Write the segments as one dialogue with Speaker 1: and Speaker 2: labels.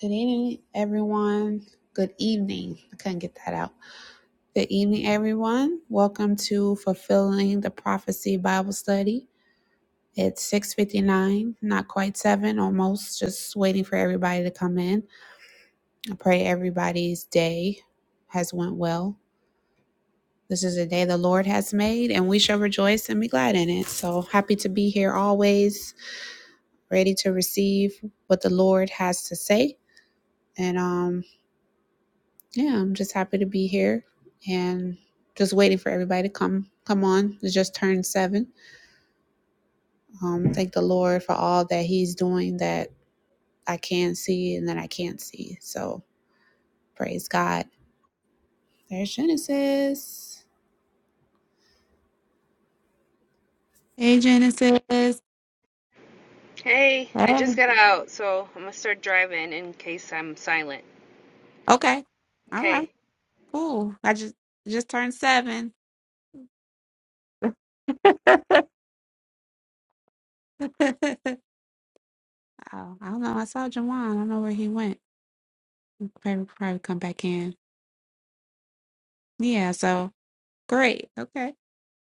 Speaker 1: Good evening, everyone. Good evening. I couldn't get that out. Good evening, everyone. Welcome to Fulfilling the Prophecy Bible Study. It's 6:59, not quite 7, almost just waiting for everybody to come in. I pray everybody's day has went well. This is a day the Lord has made and we shall rejoice and be glad in it. So happy to be here always, ready to receive what the Lord has to say. And um Yeah, I'm just happy to be here and just waiting for everybody to come come on. It's just turned seven. Um, thank the Lord for all that He's doing that I can see and that I can't see. So praise God. There's Genesis. Hey, Genesis.
Speaker 2: Hey, I just
Speaker 1: Hey.
Speaker 2: got out, so I'm gonna start driving in case I'm silent.
Speaker 1: Okay. All
Speaker 2: Okay.
Speaker 1: right. Cool. I just just turned seven. oh, I don't know. I saw Jawan. I don't know where he went. Probably probably come back in. Yeah. So. Great. Okay.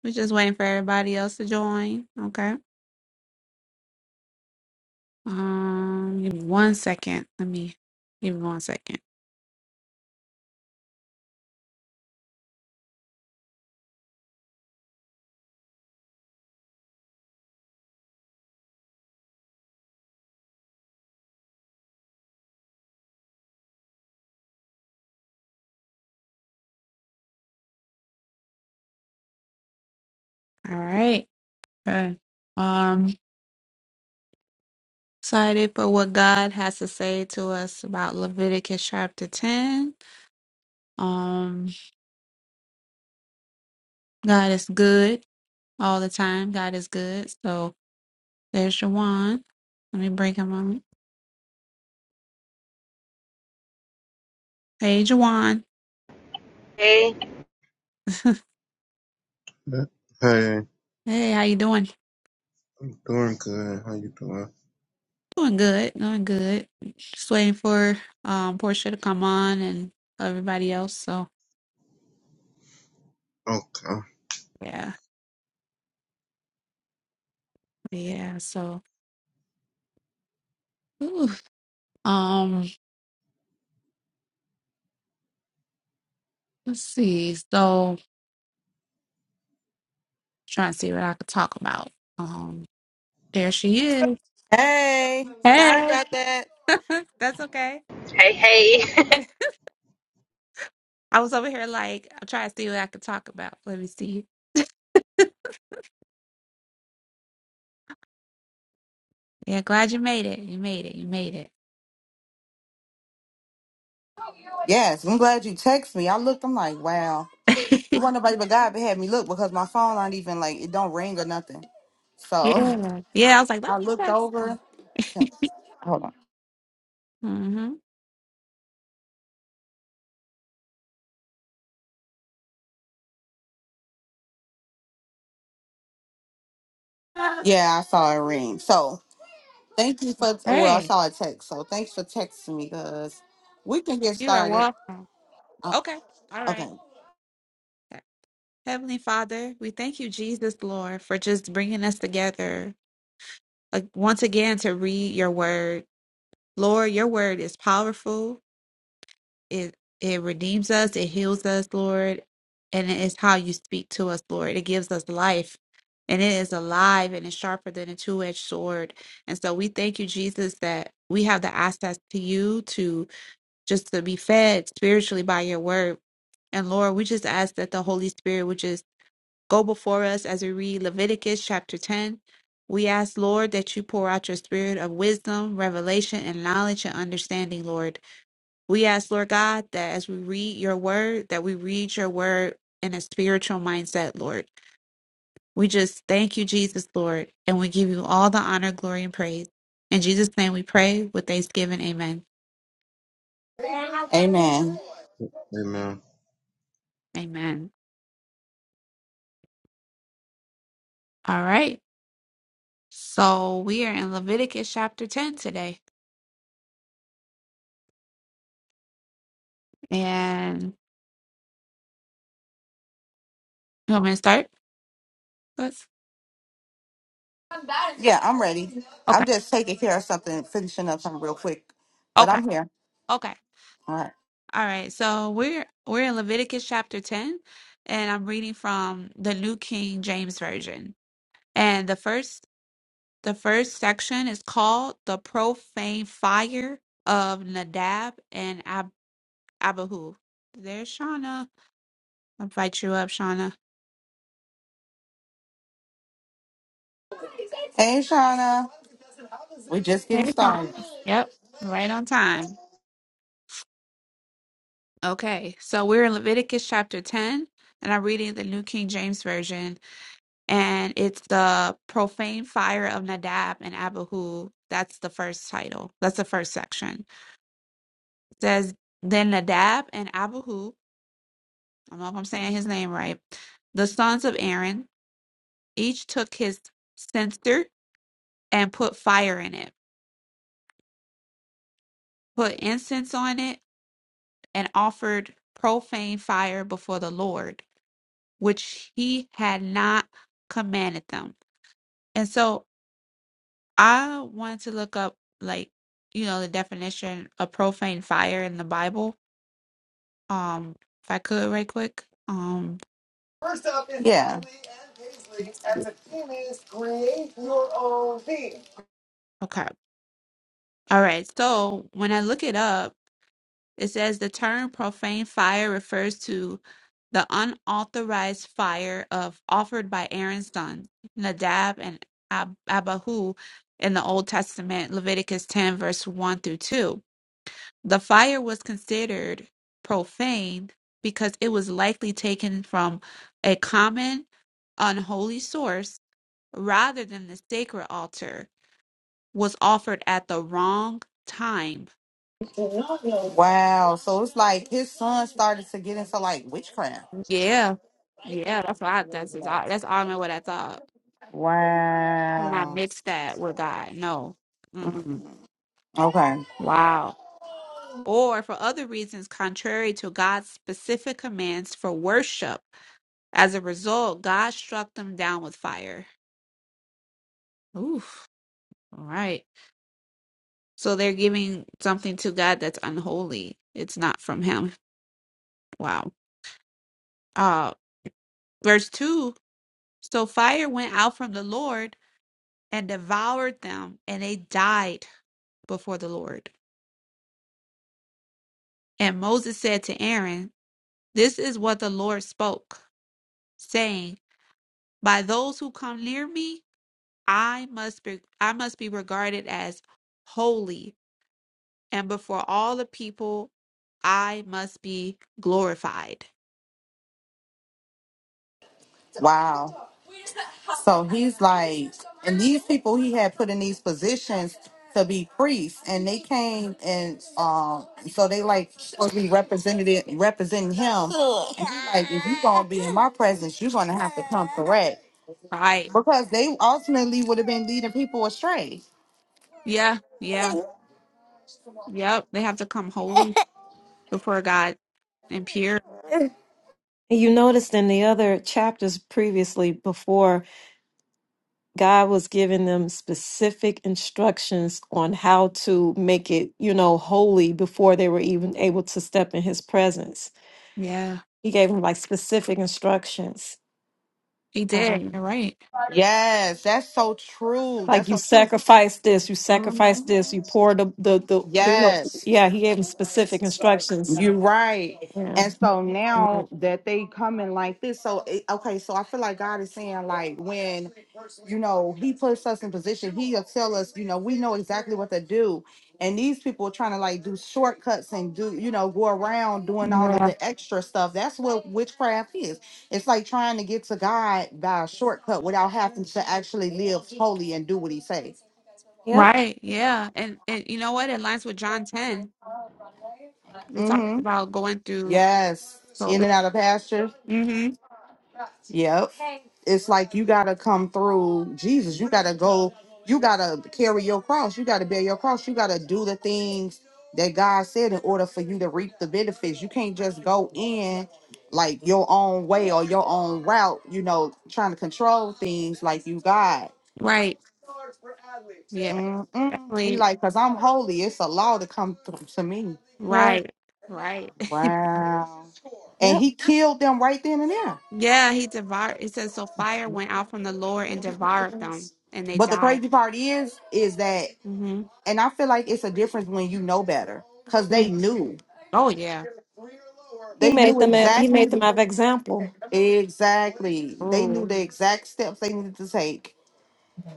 Speaker 1: We're just waiting for everybody else to join. Okay. Um, give me one second. Let me give me one second. All right. Okay. Um, excited for what God has to say to us about Leviticus chapter 10. Um, God is good all the time. God is good. So there's Jawan. Let me bring him on. Hey, Jawan.
Speaker 2: Hey,
Speaker 3: Hey,
Speaker 1: hey, how you doing?
Speaker 3: I'm doing good. How you doing?
Speaker 1: Doing good, doing good. Just waiting for um Portia to come on and everybody else. So
Speaker 3: Okay.
Speaker 1: yeah, yeah. So oof. um, let's see. So trying to see what I could talk about. Um, there she is.
Speaker 4: Hey, sorry
Speaker 1: Hey,
Speaker 4: about that.
Speaker 1: that's okay.
Speaker 2: hey, hey.
Speaker 1: I was over here like I'm trying to see what I could talk about. Let me see. Yeah, glad you made it. You made it. You made
Speaker 4: Yes, I'm glad you text me. I looked, I'm like, wow. It
Speaker 1: it.
Speaker 4: wasn't nobody but God that had me look because my phone not even like it don't ring or nothing. So
Speaker 1: yeah, yeah. I was like, let
Speaker 4: I
Speaker 1: me
Speaker 4: looked
Speaker 1: text
Speaker 4: over.
Speaker 1: them.
Speaker 4: Hold on.
Speaker 1: Mm-hmm.
Speaker 4: Yeah, I saw it ring. So thank you for well, I
Speaker 1: Hey,
Speaker 4: saw a text. So thanks for texting me because we can get
Speaker 1: you are
Speaker 4: started.
Speaker 1: welcome.
Speaker 4: Uh,
Speaker 1: Okay, all
Speaker 4: okay.
Speaker 1: right. Heavenly Father, we thank you, Jesus, Lord, for just bringing us together uh, once again to read your word. Lord, your word is powerful. It it redeems us, it heals us, Lord, and it is how you speak to us, Lord. It gives us life. And it is alive and it's sharper than a two-edged sword. And so we thank you, Jesus, that we have the access to you to just to be fed spiritually by your word. And Lord, we just ask that the Holy Spirit would just Go before us as we read Leviticus chapter 10. We ask, Lord, that you pour out your spirit of wisdom, revelation, and knowledge and understanding, Lord. We ask, Lord God, that as we read your word, that we read your word in a spiritual mindset, Lord. We just thank you, Jesus, Lord, and we give you all the honor, glory, and praise. In Jesus' name we pray with thanksgiving. Amen.
Speaker 4: Amen.
Speaker 3: Hey, man.
Speaker 1: Amen. All right. So we are in Leviticus chapter 10 today. And you want me to start? Let's.
Speaker 4: Yeah, I'm ready.
Speaker 1: Okay.
Speaker 4: I'm just taking care of something, finishing up something real quick. But
Speaker 1: Okay.
Speaker 4: I'm here.
Speaker 1: Okay.
Speaker 4: All right.
Speaker 1: All right. So we're we're in Leviticus chapter 10 and I'm reading from the New King James Version. And the first the first section is called The Profane Fire of Nadab and Ab- Abihu. There's Shauna. I'll invite you up, Shauna.
Speaker 4: Hey Shauna. We're just getting
Speaker 1: Hey, Shauna.
Speaker 4: started.
Speaker 1: Yep. Right on time. Okay. So we're in Leviticus chapter 10 and I'm reading the New King James Version and it's the profane fire of Nadab and Abihu. That's the first title. That's the first section. It says then Nadab and Abihu. I don't know if I'm saying his name right. The sons of Aaron each took his censer and put fire in it, put incense on it, and offered profane fire before the Lord, which he had not commanded them. And so I wanted to look up like you know the definition of profane fire in the Bible. Um, if I could, right quick. Um,
Speaker 4: First up is yeah. Paisley and Paisley and the theme is create your own theme.
Speaker 1: okay, all right. So when I look it up, it says the term profane fire refers to the unauthorized fire of offered by Aaron's sons Nadab and Ab- Abihu in the Old Testament, Leviticus ten verse one through two The fire was considered profane because it was likely taken from a common unholy source rather than the sacred altar was offered at the wrong time.
Speaker 4: Wow. So it's like his son started to get into like witchcraft.
Speaker 1: Yeah. Yeah, that's what I, that's exa- that's all I what I thought. And I
Speaker 4: Wow.
Speaker 1: mixed that with God. No.
Speaker 4: Mm,
Speaker 1: Mm-mm.
Speaker 4: Okay.
Speaker 1: Wow. Or for other reasons contrary to God's specific commands for worship. As a result, God struck them down with fire. Oof. All right. So they're giving something to God that's unholy. It's not from him. Wow. Uh verse 2. So fire went out from the Lord and devoured them, and they died before the Lord. And Moses said to Aaron, This is what the Lord spoke, saying, By those who come near me, I must be I must be regarded as holy, and before all the people I must be glorified.
Speaker 4: Wow. So he's like, and these people he had put in these positions to be priests, and they came and um, so they like supposed to be represented representing him. And he like, if you gonna be in my presence, you're gonna have to come correct.
Speaker 1: Right.
Speaker 4: because they ultimately would have been leading people astray.
Speaker 1: Yeah, yeah, yep. They have to come holy before God and pure.
Speaker 5: And You noticed in the other chapters previously, before, God was giving them specific instructions on how to make it, you know, holy before they were even able to step in his presence.
Speaker 1: Yeah,
Speaker 5: He gave them like specific instructions.
Speaker 1: he did.
Speaker 5: Um,
Speaker 1: You're right.
Speaker 4: Yes, that's so true. That's
Speaker 5: like you
Speaker 4: so true.
Speaker 5: sacrifice this, you sacrifice
Speaker 4: Mhm.
Speaker 5: this, you pour the, the, the, the, you know,
Speaker 4: Yes.
Speaker 5: yeah, he gave them specific instructions
Speaker 4: You're right.
Speaker 5: Yeah.
Speaker 4: And so
Speaker 1: Yeah.
Speaker 4: now that they coming like this, so it, okay, so I feel like God is saying like when you know He puts us in position, He'll tell us, you know, we know exactly what to do. And these people are trying to like do shortcuts and do, you know, go around doing all of
Speaker 1: Yeah.
Speaker 4: the extra stuff. That's what witchcraft is. It's like trying to get to God by a shortcut without having to actually live holy and do what He says.
Speaker 5: Yep.
Speaker 1: Right. Yeah. And and you know what? It lines with John 10. It talks
Speaker 4: Mm-hmm.
Speaker 1: about going through.
Speaker 4: Yes.
Speaker 1: So
Speaker 4: In
Speaker 1: this.
Speaker 4: and out of pastures.
Speaker 1: hmm
Speaker 4: Yep. It's like you gotta come through Jesus. You gotta go. You gotta carry your cross. You gotta bear your cross. You gotta do the things that God said in order for you to reap the benefits. You can't just go in like your own way or your own route. You know, trying to control things like you God.
Speaker 1: Right. Yeah.
Speaker 4: Mm-mm. He
Speaker 1: Definitely.
Speaker 4: like, cause I'm holy. It's a law to come th- to me.
Speaker 5: Right.
Speaker 1: Right. Right.
Speaker 4: Wow. And
Speaker 5: Yep.
Speaker 4: he killed them right then and there.
Speaker 1: yeah. He devoured. It says so. Fire went out from the Lord and devoured them, and they
Speaker 4: But the
Speaker 1: died.
Speaker 4: crazy part is, is that
Speaker 1: mm
Speaker 4: And I feel like it's a difference when you know better because
Speaker 1: hmm
Speaker 4: they knew.
Speaker 1: Oh yeah.
Speaker 5: He
Speaker 4: They
Speaker 5: made
Speaker 4: knew
Speaker 5: them. a- He
Speaker 4: exactly,
Speaker 5: made them have example.
Speaker 4: exactly. They knew
Speaker 1: Oh.
Speaker 4: the exact steps they needed to take.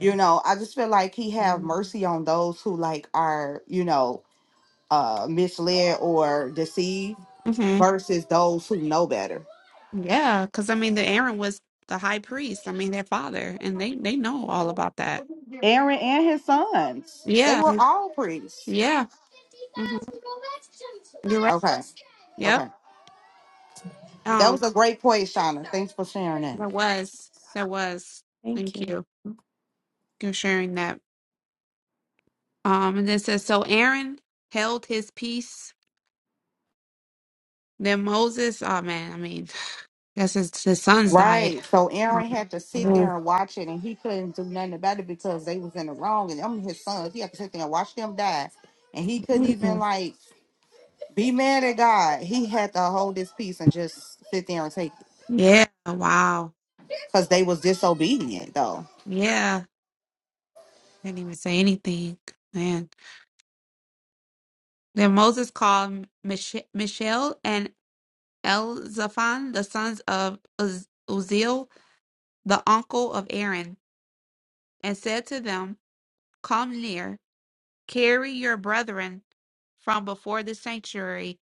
Speaker 4: You know, I just feel like he have mercy on those who like are, you know, uh misled or deceived
Speaker 1: Mm-hmm.
Speaker 4: versus those who know better.
Speaker 1: Yeah, because I mean, the Aaron was the high priest. I mean, their father, and they they know all about that.
Speaker 4: Aaron and his sons, they
Speaker 1: Yeah,
Speaker 4: were all priests.
Speaker 1: yeah. hmm You're right.
Speaker 4: Okay.
Speaker 1: Yep.
Speaker 4: Okay. That
Speaker 1: Um,
Speaker 4: was a great point, Shauna. Thanks for sharing that.
Speaker 1: there was, there was.
Speaker 5: Thank
Speaker 1: Thank
Speaker 5: you.
Speaker 1: you
Speaker 5: Mm.
Speaker 1: for sharing that. Um, and then it says so. Aaron held his peace. Then Moses. Oh man, I mean, guess his his sons died.
Speaker 4: Right. So Aaron
Speaker 1: Um,
Speaker 4: had to sit
Speaker 1: Mhm.
Speaker 4: there and watch it and he couldn't do nothing about it because they was in the wrong and them his sons. He had to sit there and watch them die. And he couldn't even
Speaker 1: mhm.
Speaker 4: like be mad at God. He had to hold his peace and just sit there and take it.
Speaker 1: yeah. Wow.
Speaker 4: Because they was disobedient though.
Speaker 1: Yeah. Didn't even say anything, man. Then Moses called Mich- Michelle and Elzaphan, the sons of Uz- Uzziel, the uncle of Aaron, and said to them, Come near, carry your brethren from before the sanctuary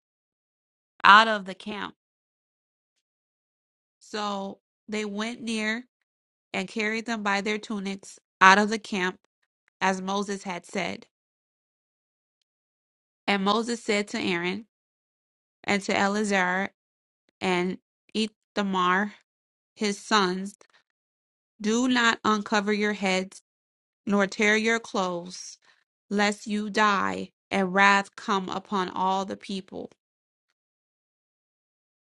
Speaker 1: out of the camp. So they went near and carried them by their tunics out of the camp, as Moses had said. And Moses said to Aaron and to Eleazar and Ithamar, his sons, Do not uncover your heads nor tear your clothes, lest you die and wrath come upon all the people.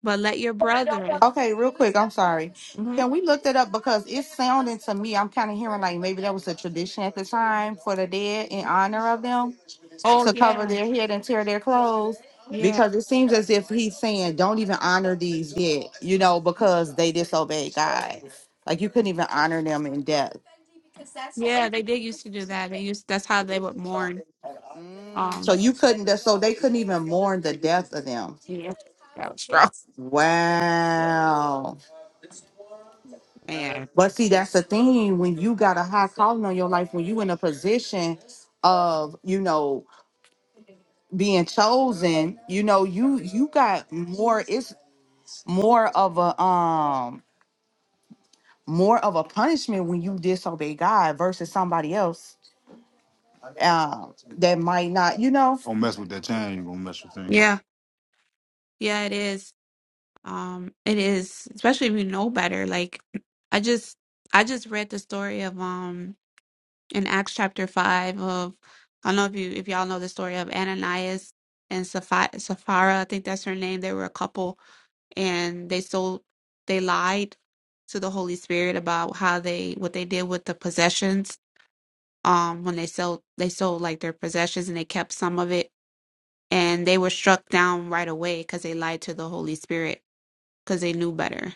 Speaker 1: But let your brethren.
Speaker 4: Okay, real quick, I'm sorry.
Speaker 1: hmm
Speaker 4: Can we look that up? Because it's sounding to me, I'm kind of hearing like maybe that was a tradition at the time for the dead in honor of them.
Speaker 1: Oh
Speaker 4: to cover
Speaker 1: yeah,
Speaker 4: their head and tear their clothes
Speaker 1: yeah,
Speaker 4: because it seems as if he's saying don't even honor these yet, you know, because they disobeyed God. Like you couldn't even honor them in death.
Speaker 1: yeah. They did used to do that. They used that's how they would mourn.
Speaker 4: Mm, So
Speaker 1: Um,
Speaker 4: you couldn't so they couldn't even mourn the death of them.
Speaker 1: yeah, that was strong,
Speaker 4: Wow.
Speaker 1: man.
Speaker 4: But see, that's the thing when you got a high calling on your life, when you in a position of, you know, being chosen, you know, you you got more it's more of a um, more of a punishment when you disobey God versus somebody else uh, that might not, you know. Don't mess with that chain. You gonna mess your finger.
Speaker 1: Yeah, yeah, it is. Um, it is, especially if you know better. Like, I just, I just read the story of um in Acts chapter five of I don't know if you if y'all know the story of Ananias and Sapphira, Sapphira, I think that's her name. They were a couple, and they sold they lied to the Holy Spirit about how they what they did with the possessions. Um, when they sold they sold like their possessions and they kept some of it, and they were struck down right away because they lied to the Holy Spirit because they knew better.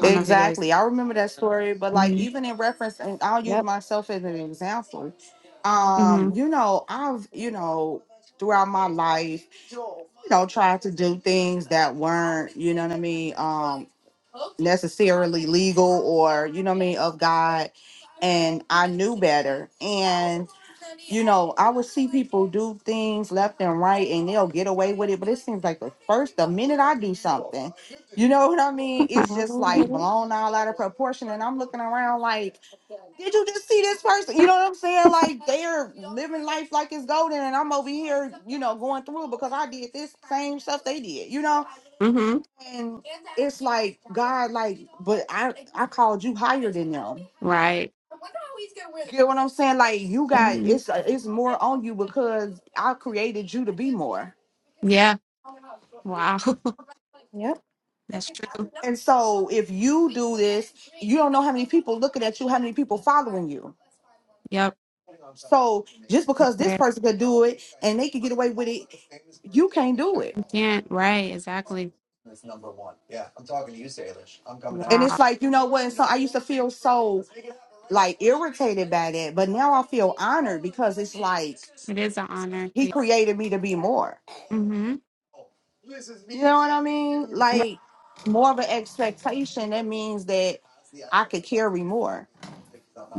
Speaker 1: I don't know if you guys.
Speaker 4: Exactly. I remember that story, but like
Speaker 1: hmm
Speaker 4: even in reference, and I'll use
Speaker 5: Yep.
Speaker 4: myself as an example.
Speaker 1: hmm
Speaker 4: Um, you know, I've, you know, throughout my life, you know, tried to do things that weren't, you know what I mean, um, necessarily legal or, you know what I mean, of God. And I knew better. and. you know, I would see people do things left and right and they'll get away with it. But it seems like the first, the minute I do something, you know what I mean? It's just like
Speaker 5: Mhm.
Speaker 4: blown all out of proportion. And I'm looking around like, did you just see this person? You know what I'm saying? Like they're living life like it's golden. And I'm over here, you know, going through it because I did this same stuff they did, you know?
Speaker 1: hmm
Speaker 4: And it's like, God, like, but I, I called you higher than them.
Speaker 1: Right.
Speaker 4: Get what I'm saying? Like you got
Speaker 1: hmm
Speaker 4: it's uh, it's more on you because I created you to be more.
Speaker 1: Yeah. Wow.
Speaker 5: Yep.
Speaker 1: That's true.
Speaker 4: And so if you do this, you don't know how many people looking at you, how many people following you.
Speaker 1: Yep.
Speaker 4: So just because this
Speaker 1: Yeah,
Speaker 4: person could do it and they could get away with it, you can't do it.
Speaker 1: We can't. Right. Exactly.
Speaker 4: And it's
Speaker 1: Wow.
Speaker 4: like, you know what? And so I used to feel so like irritated by that, but now I feel honored because it's like
Speaker 1: It is an honor.
Speaker 4: he
Speaker 1: Yeah.
Speaker 4: created me to be more.
Speaker 1: Mm-hmm.
Speaker 4: You know what I mean?
Speaker 1: Yeah.
Speaker 4: Like more of an expectation. That means that I could carry more.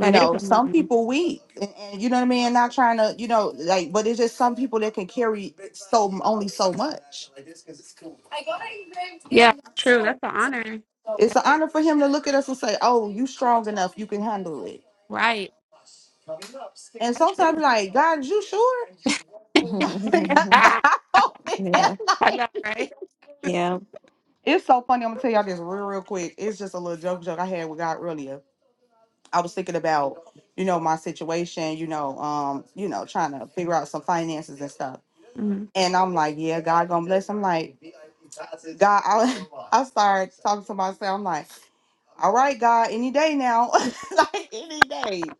Speaker 4: You
Speaker 1: is
Speaker 4: know,
Speaker 1: an
Speaker 4: some
Speaker 1: honor.
Speaker 4: people weak, and, and you know what I mean. Not trying to, you know, like, but it's just some people that can carry so only so much.
Speaker 1: Yeah. True. That's an honor.
Speaker 4: It's
Speaker 1: That's
Speaker 4: an honor for him to look at us and say, "Oh, you strong enough. You can handle it."
Speaker 1: right.
Speaker 4: And
Speaker 1: That's
Speaker 4: sometimes,
Speaker 1: true.
Speaker 4: like, God, you sure?
Speaker 1: Ah,
Speaker 4: Oh, man,
Speaker 5: yeah,
Speaker 1: I
Speaker 4: like-
Speaker 1: know, right?
Speaker 5: yeah,
Speaker 4: it's so funny. I'm gonna tell y'all this real, real quick. It's just a little joke, joke I had with God earlier I was thinking about, you know, my situation, you know, um, you know, trying to figure out some finances and stuff.
Speaker 1: hmm
Speaker 4: And I'm like, yeah, God gonna bless. I'm like, God, I, I started talking to myself. I'm like, all right, God, any day now, like any day.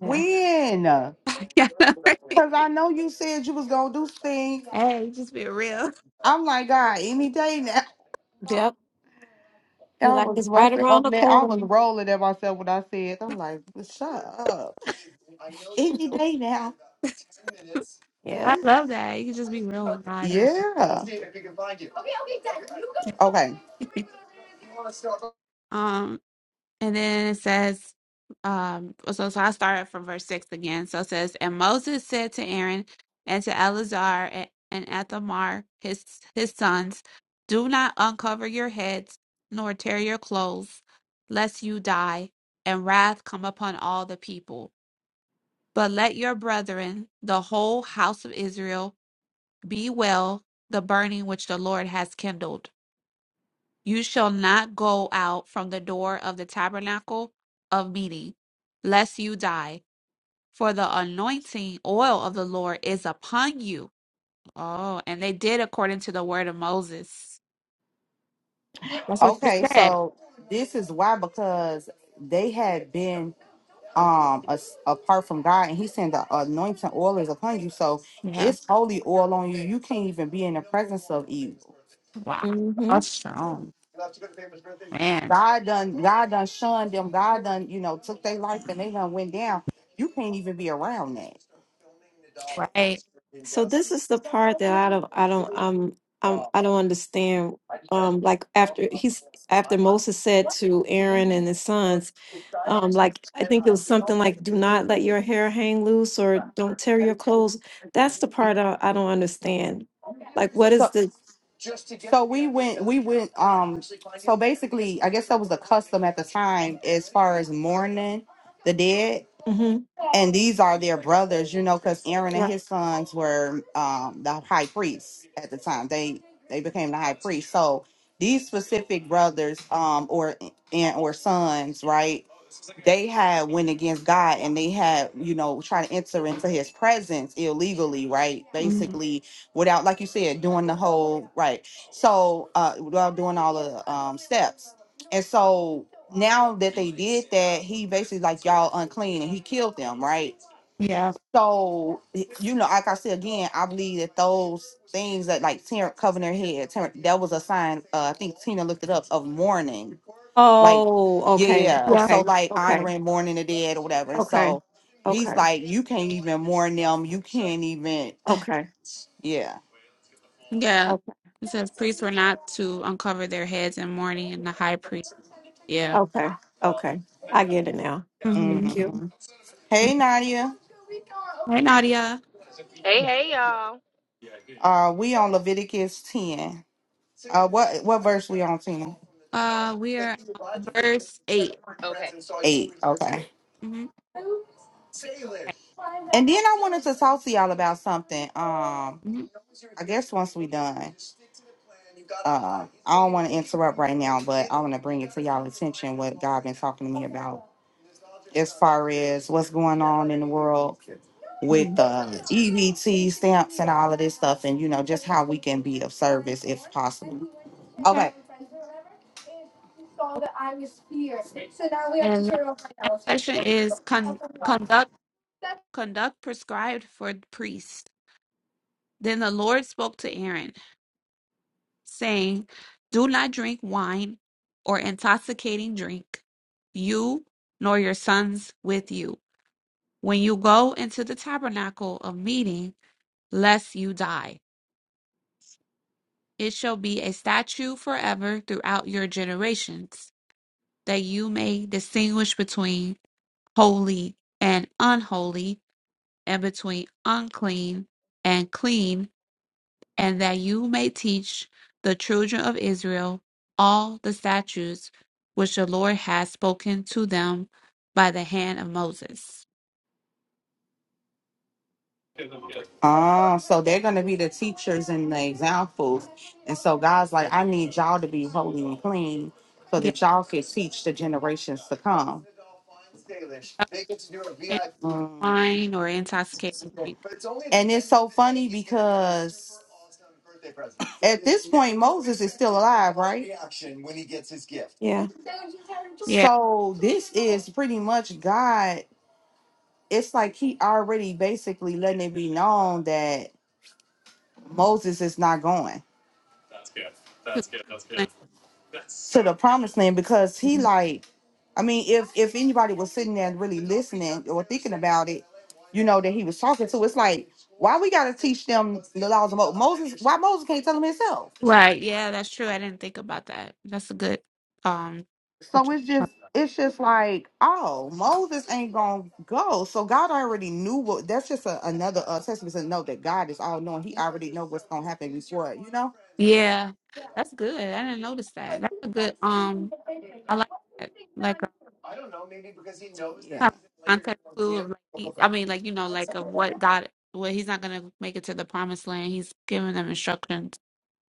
Speaker 5: yeah.
Speaker 4: When? Cause
Speaker 1: Yeah. I know, right?
Speaker 4: I know you said you was gonna do things.
Speaker 1: Hey, just be real.
Speaker 4: I'm like, God, any day now.
Speaker 5: Yep. He
Speaker 4: I
Speaker 5: like
Speaker 4: was
Speaker 5: is right
Speaker 4: busting
Speaker 5: around
Speaker 4: up
Speaker 5: the
Speaker 4: there. I was
Speaker 5: corner.
Speaker 4: rolling at myself when I said, I'm like, shut up. Any day now.
Speaker 5: Yeah.
Speaker 1: I love that. You can just be real with God.
Speaker 4: Yeah. Okay.
Speaker 1: Yeah. And then it says, um, so, so I started from verse 6 again. So it says, And Moses said to Aaron and to Eleazar and, and Ithamar, his, his sons, Do not uncover your heads, nor tear your clothes, lest you die, and wrath come upon all the people. But let your brethren, the whole house of Israel, be well the burning which the Lord has kindled you shall not go out from the door of the tabernacle of meeting, lest you die. For the anointing oil of the Lord is upon you. Oh, and they did according to the word of Moses. That's what you
Speaker 4: Okay,
Speaker 1: said.
Speaker 4: so this is why because they had been um as, apart from God, and He said the anointing oil is upon you, so
Speaker 1: Yeah.
Speaker 4: it's holy oil on you. You can't even be in the presence of evil.
Speaker 1: Wow.
Speaker 5: Mm-hmm.
Speaker 1: That's strong. Man.
Speaker 4: God done, God done shunned them. God done, you know, took their life and they done went down. You can't even be around that.
Speaker 1: Right.
Speaker 5: So this is the part that I don't, I don't, um, I'm, I don't understand. Um, like after he's after Moses said to Aaron and his sons, um, like I think it was something like, "Do not let your hair hang loose," or "Don't tear your clothes." That's the part I, I don't understand. Like, what
Speaker 4: So,
Speaker 5: is the?
Speaker 4: so we went, we went. Um, so basically, I guess that was the custom at the time as far as mourning the dead
Speaker 5: Mm-hmm.
Speaker 4: and these are their brothers, you know, because Aaron and
Speaker 5: Yeah.
Speaker 4: his sons were um, the high priests at the time. They they became the high priest. So these specific brothers, um, or and or sons, right? they had went against God and they had, you know, try to enter into his presence illegally, right?
Speaker 1: Mhm.
Speaker 4: Basically, without, like you said, doing the whole right. So uh without doing all of the um steps. And so now that they did that, he basically like y'all unclean and he killed them, right?
Speaker 1: Yeah.
Speaker 4: So you know, like I said again, I believe that those things that like Terrence covering their head, Terrence, that was a sign, uh, I think Tina looked it up of mourning like
Speaker 5: Oh,
Speaker 4: yeah yeah
Speaker 5: okay,
Speaker 4: yeah.
Speaker 1: Yeah.
Speaker 4: so
Speaker 5: okay,
Speaker 4: like
Speaker 5: okay,
Speaker 4: honoring mourning the dead or whatever
Speaker 5: okay,
Speaker 4: so
Speaker 5: okay.
Speaker 4: he's like you can't even mourn them you can't even
Speaker 5: Okay.
Speaker 4: yeah
Speaker 1: Yeah.
Speaker 5: Okay.
Speaker 1: It says priests were not to uncover their heads in mourning and the high priest. Yeah.
Speaker 5: Okay. Okay. I get it now.
Speaker 1: hmm
Speaker 5: Thank you.
Speaker 4: hmm hey nadia
Speaker 1: Right, Nadia.
Speaker 6: Hey, hey, y'all.
Speaker 4: uh we on leviticus 10 uh what what verse we on tina
Speaker 1: Uh we are on verse 8
Speaker 6: Okay,
Speaker 4: eight okay
Speaker 1: Mhm.
Speaker 4: And then I wanted to talk to y'all about something. Um,
Speaker 1: Mhm.
Speaker 4: I guess once we done, uh, I don't want to interrupt right now, but I want to bring it to y'all attention what God been talking to me about as far as what's going on in the world with
Speaker 5: Mm,
Speaker 4: the EBT stamps and all of this stuff, and you know just how we can be of service if possible.
Speaker 1: Okay.
Speaker 4: Okay,
Speaker 1: Okay. And uh, next section is con- conduct conduct prescribed for the priest. Then the Lord spoke to Aaron, saying, "Do not drink wine or intoxicating drink, you nor your sons with you, when you go into the tabernacle of meeting, lest you die. It shall be a statute forever throughout your generations, that you may distinguish between holy and unholy." and between unclean and clean, and that you may teach the children of Israel all the statutes which the Lord has spoken to them by the hand of Moses.
Speaker 4: Ah, so they're gonna be the teachers and the examples. And so God's like, I need y'all to be holy and clean so
Speaker 1: Yeah,
Speaker 4: that y'all can teach the generations to come.
Speaker 1: y'all can't
Speaker 4: Mm.
Speaker 1: wine or intoxicating drink.
Speaker 4: And it's so funny because at this point Moses is still alive, right?
Speaker 5: Yeah.
Speaker 1: Yeah.
Speaker 4: So this is pretty much God. It's like he already basically letting it be known that Moses is not going to the promised land because he like I mean, if if anybody was sitting there and really listening or thinking about it, you know that he was talking to. It's like why we got to teach them the laws of Mo- Moses? Why Moses can't tell them himself?
Speaker 1: Right. Yeah, that's true. I didn't think about that. That's a good um what
Speaker 4: So
Speaker 1: you-
Speaker 4: it's just it's just like oh Moses ain't gonna go. So God already knew what. That's just a, another uh, testament to know that God is all knowing. He already know what's gonna happen before. You know.
Speaker 1: yeah. That's good. I didn't notice that. That's a good um I like that. like,
Speaker 4: Yeah.
Speaker 1: kind of context clue of like he, I mean like you know like of what God what he's not gonna make it to the promised land. He's giving them instructions.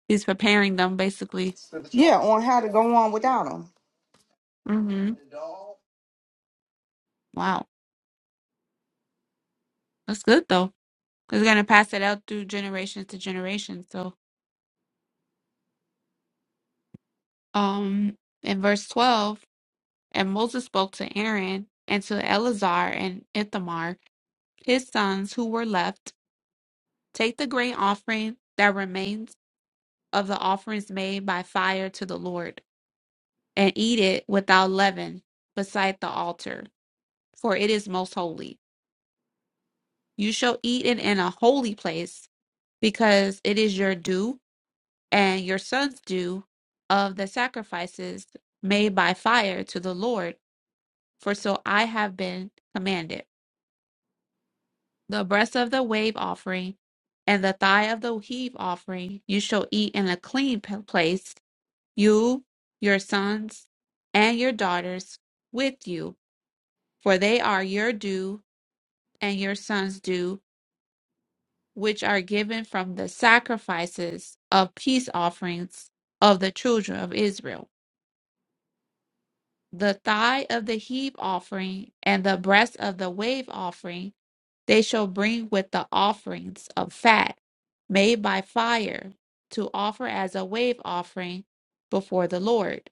Speaker 1: He's preparing them basically.
Speaker 4: Yeah, on how to go on without him.
Speaker 1: hmm Wow, that's good though. He's gonna pass it out through generations to generations. So um in verse twelve, and Moses spoke to Aaron and to Eleazar and Ithamar, his sons who were left, take the grain offering that remains of the offerings made by fire to the Lord and eat it without leaven beside the altar, for it is most holy. You shall eat it in a holy place, because it is your due and your son's due of the sacrifices made by fire to the Lord, for so I have been commanded. The breast of the wave offering and the thigh of the heave offering you shall eat in a clean p- place, you, your sons, and your daughters with you, for they are your due and your sons do, which are given from the sacrifices of peace offerings of the children of Israel. The thigh of the heave offering and the breast of the wave offering they shall bring with the offerings of fat made by fire to offer as a wave offering before the Lord.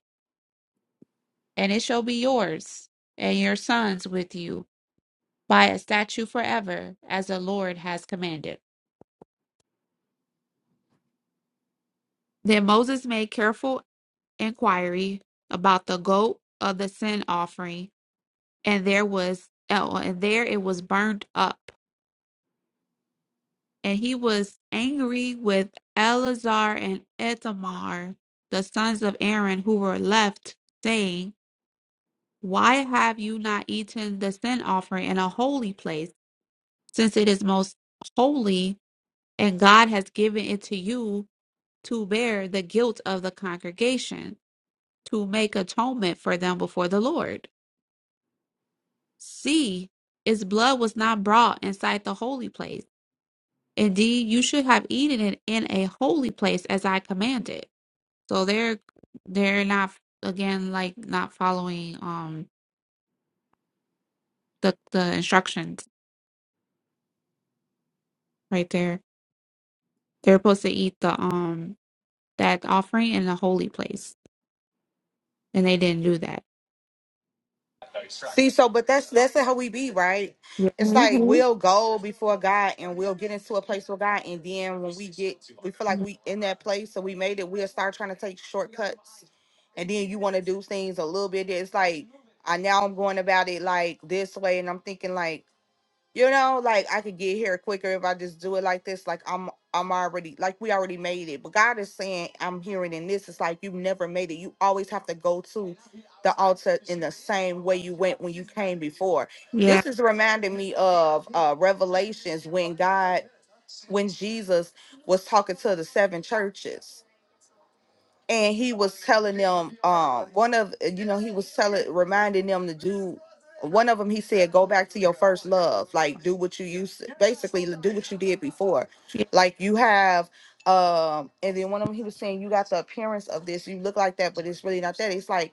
Speaker 1: And it shall be yours and your sons with you by a statute forever, as the Lord has commanded. Then Moses made careful inquiry about the goat of the sin offering, and there was oh, and there it was burned up. And he was angry with Eleazar and Ithamar, the sons of Aaron, who were left, saying, Why have you not eaten the sin offering in a holy place, since it is most holy, and God has given it to you to bear the guilt of the congregation, to make atonement for them before the Lord? See, its blood was not brought inside the holy place. Indeed, you should have eaten it in a holy place as I commanded. So they're they're not again like not following um the the instructions right there. They're supposed to eat the um that offering in the holy place, and they didn't do that.
Speaker 4: See, so but that's that's how we be, right? It's like
Speaker 5: hmm
Speaker 4: we'll go before God and we'll get into a place with God, and then when we get we feel like
Speaker 1: Yeah,
Speaker 4: we in that place, so we made it, we'll start trying to take shortcuts, and then you want to do things a little bit. It's like I now I'm going about it like this way, and I'm thinking like you know, like I could get here quicker if I just do it like this. Like I'm I'm already like we already made it. But God is saying I'm hearing in this, it's like you've never made it. You always have to go to the altar in the same way you went when you came before.
Speaker 1: yeah,
Speaker 4: This is reminding me of uh Revelations when God when Jesus was talking to the seven churches and he was telling them um one of uh, you know he was telling reminding them to do one of them he said go back to your first love like do what you used basically do what you did before
Speaker 1: yeah.
Speaker 4: like you have um and then one of them he was saying you got the appearance of this you look like that but it's really not that it's like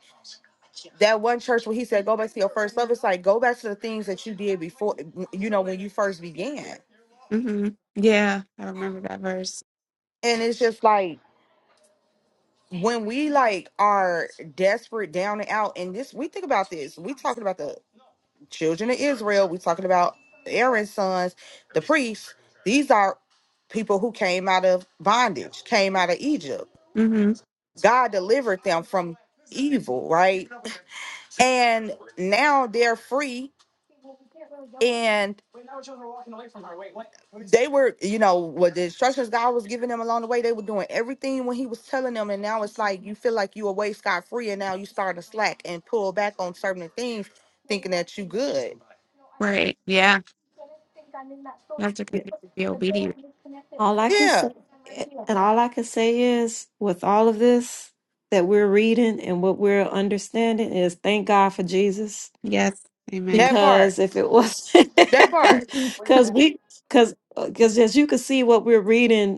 Speaker 4: that one church where he said go back to your first love it's like go back to the things that you did before you know when you first began
Speaker 1: hmm Yeah, I remember that verse.
Speaker 4: and it's just like when we like are desperate down and out and this we think about this we talking about the children of israel we talking about aaron's sons the priests these are people who came out of bondage came out of egypt
Speaker 1: hmm
Speaker 4: god delivered them from evil right and now they're free and. they were, you know, what the instructions God was giving them along the way, they were doing everything when He was telling them. And now it's like you feel like you away scot free, and now you start to slack and pull back on certain things, thinking that you good.
Speaker 1: Right. Yeah, you have to
Speaker 5: yeah.
Speaker 1: continue to be obedient.
Speaker 5: All I can say,
Speaker 4: Yeah,
Speaker 5: eh, and all I can say is, with all of this that we're reading and what we're understanding, is thank God for Jesus.
Speaker 1: Yes. Amen.
Speaker 4: that part.
Speaker 5: Because if it was,
Speaker 4: That part.
Speaker 5: because we, because because as you can see, what we're reading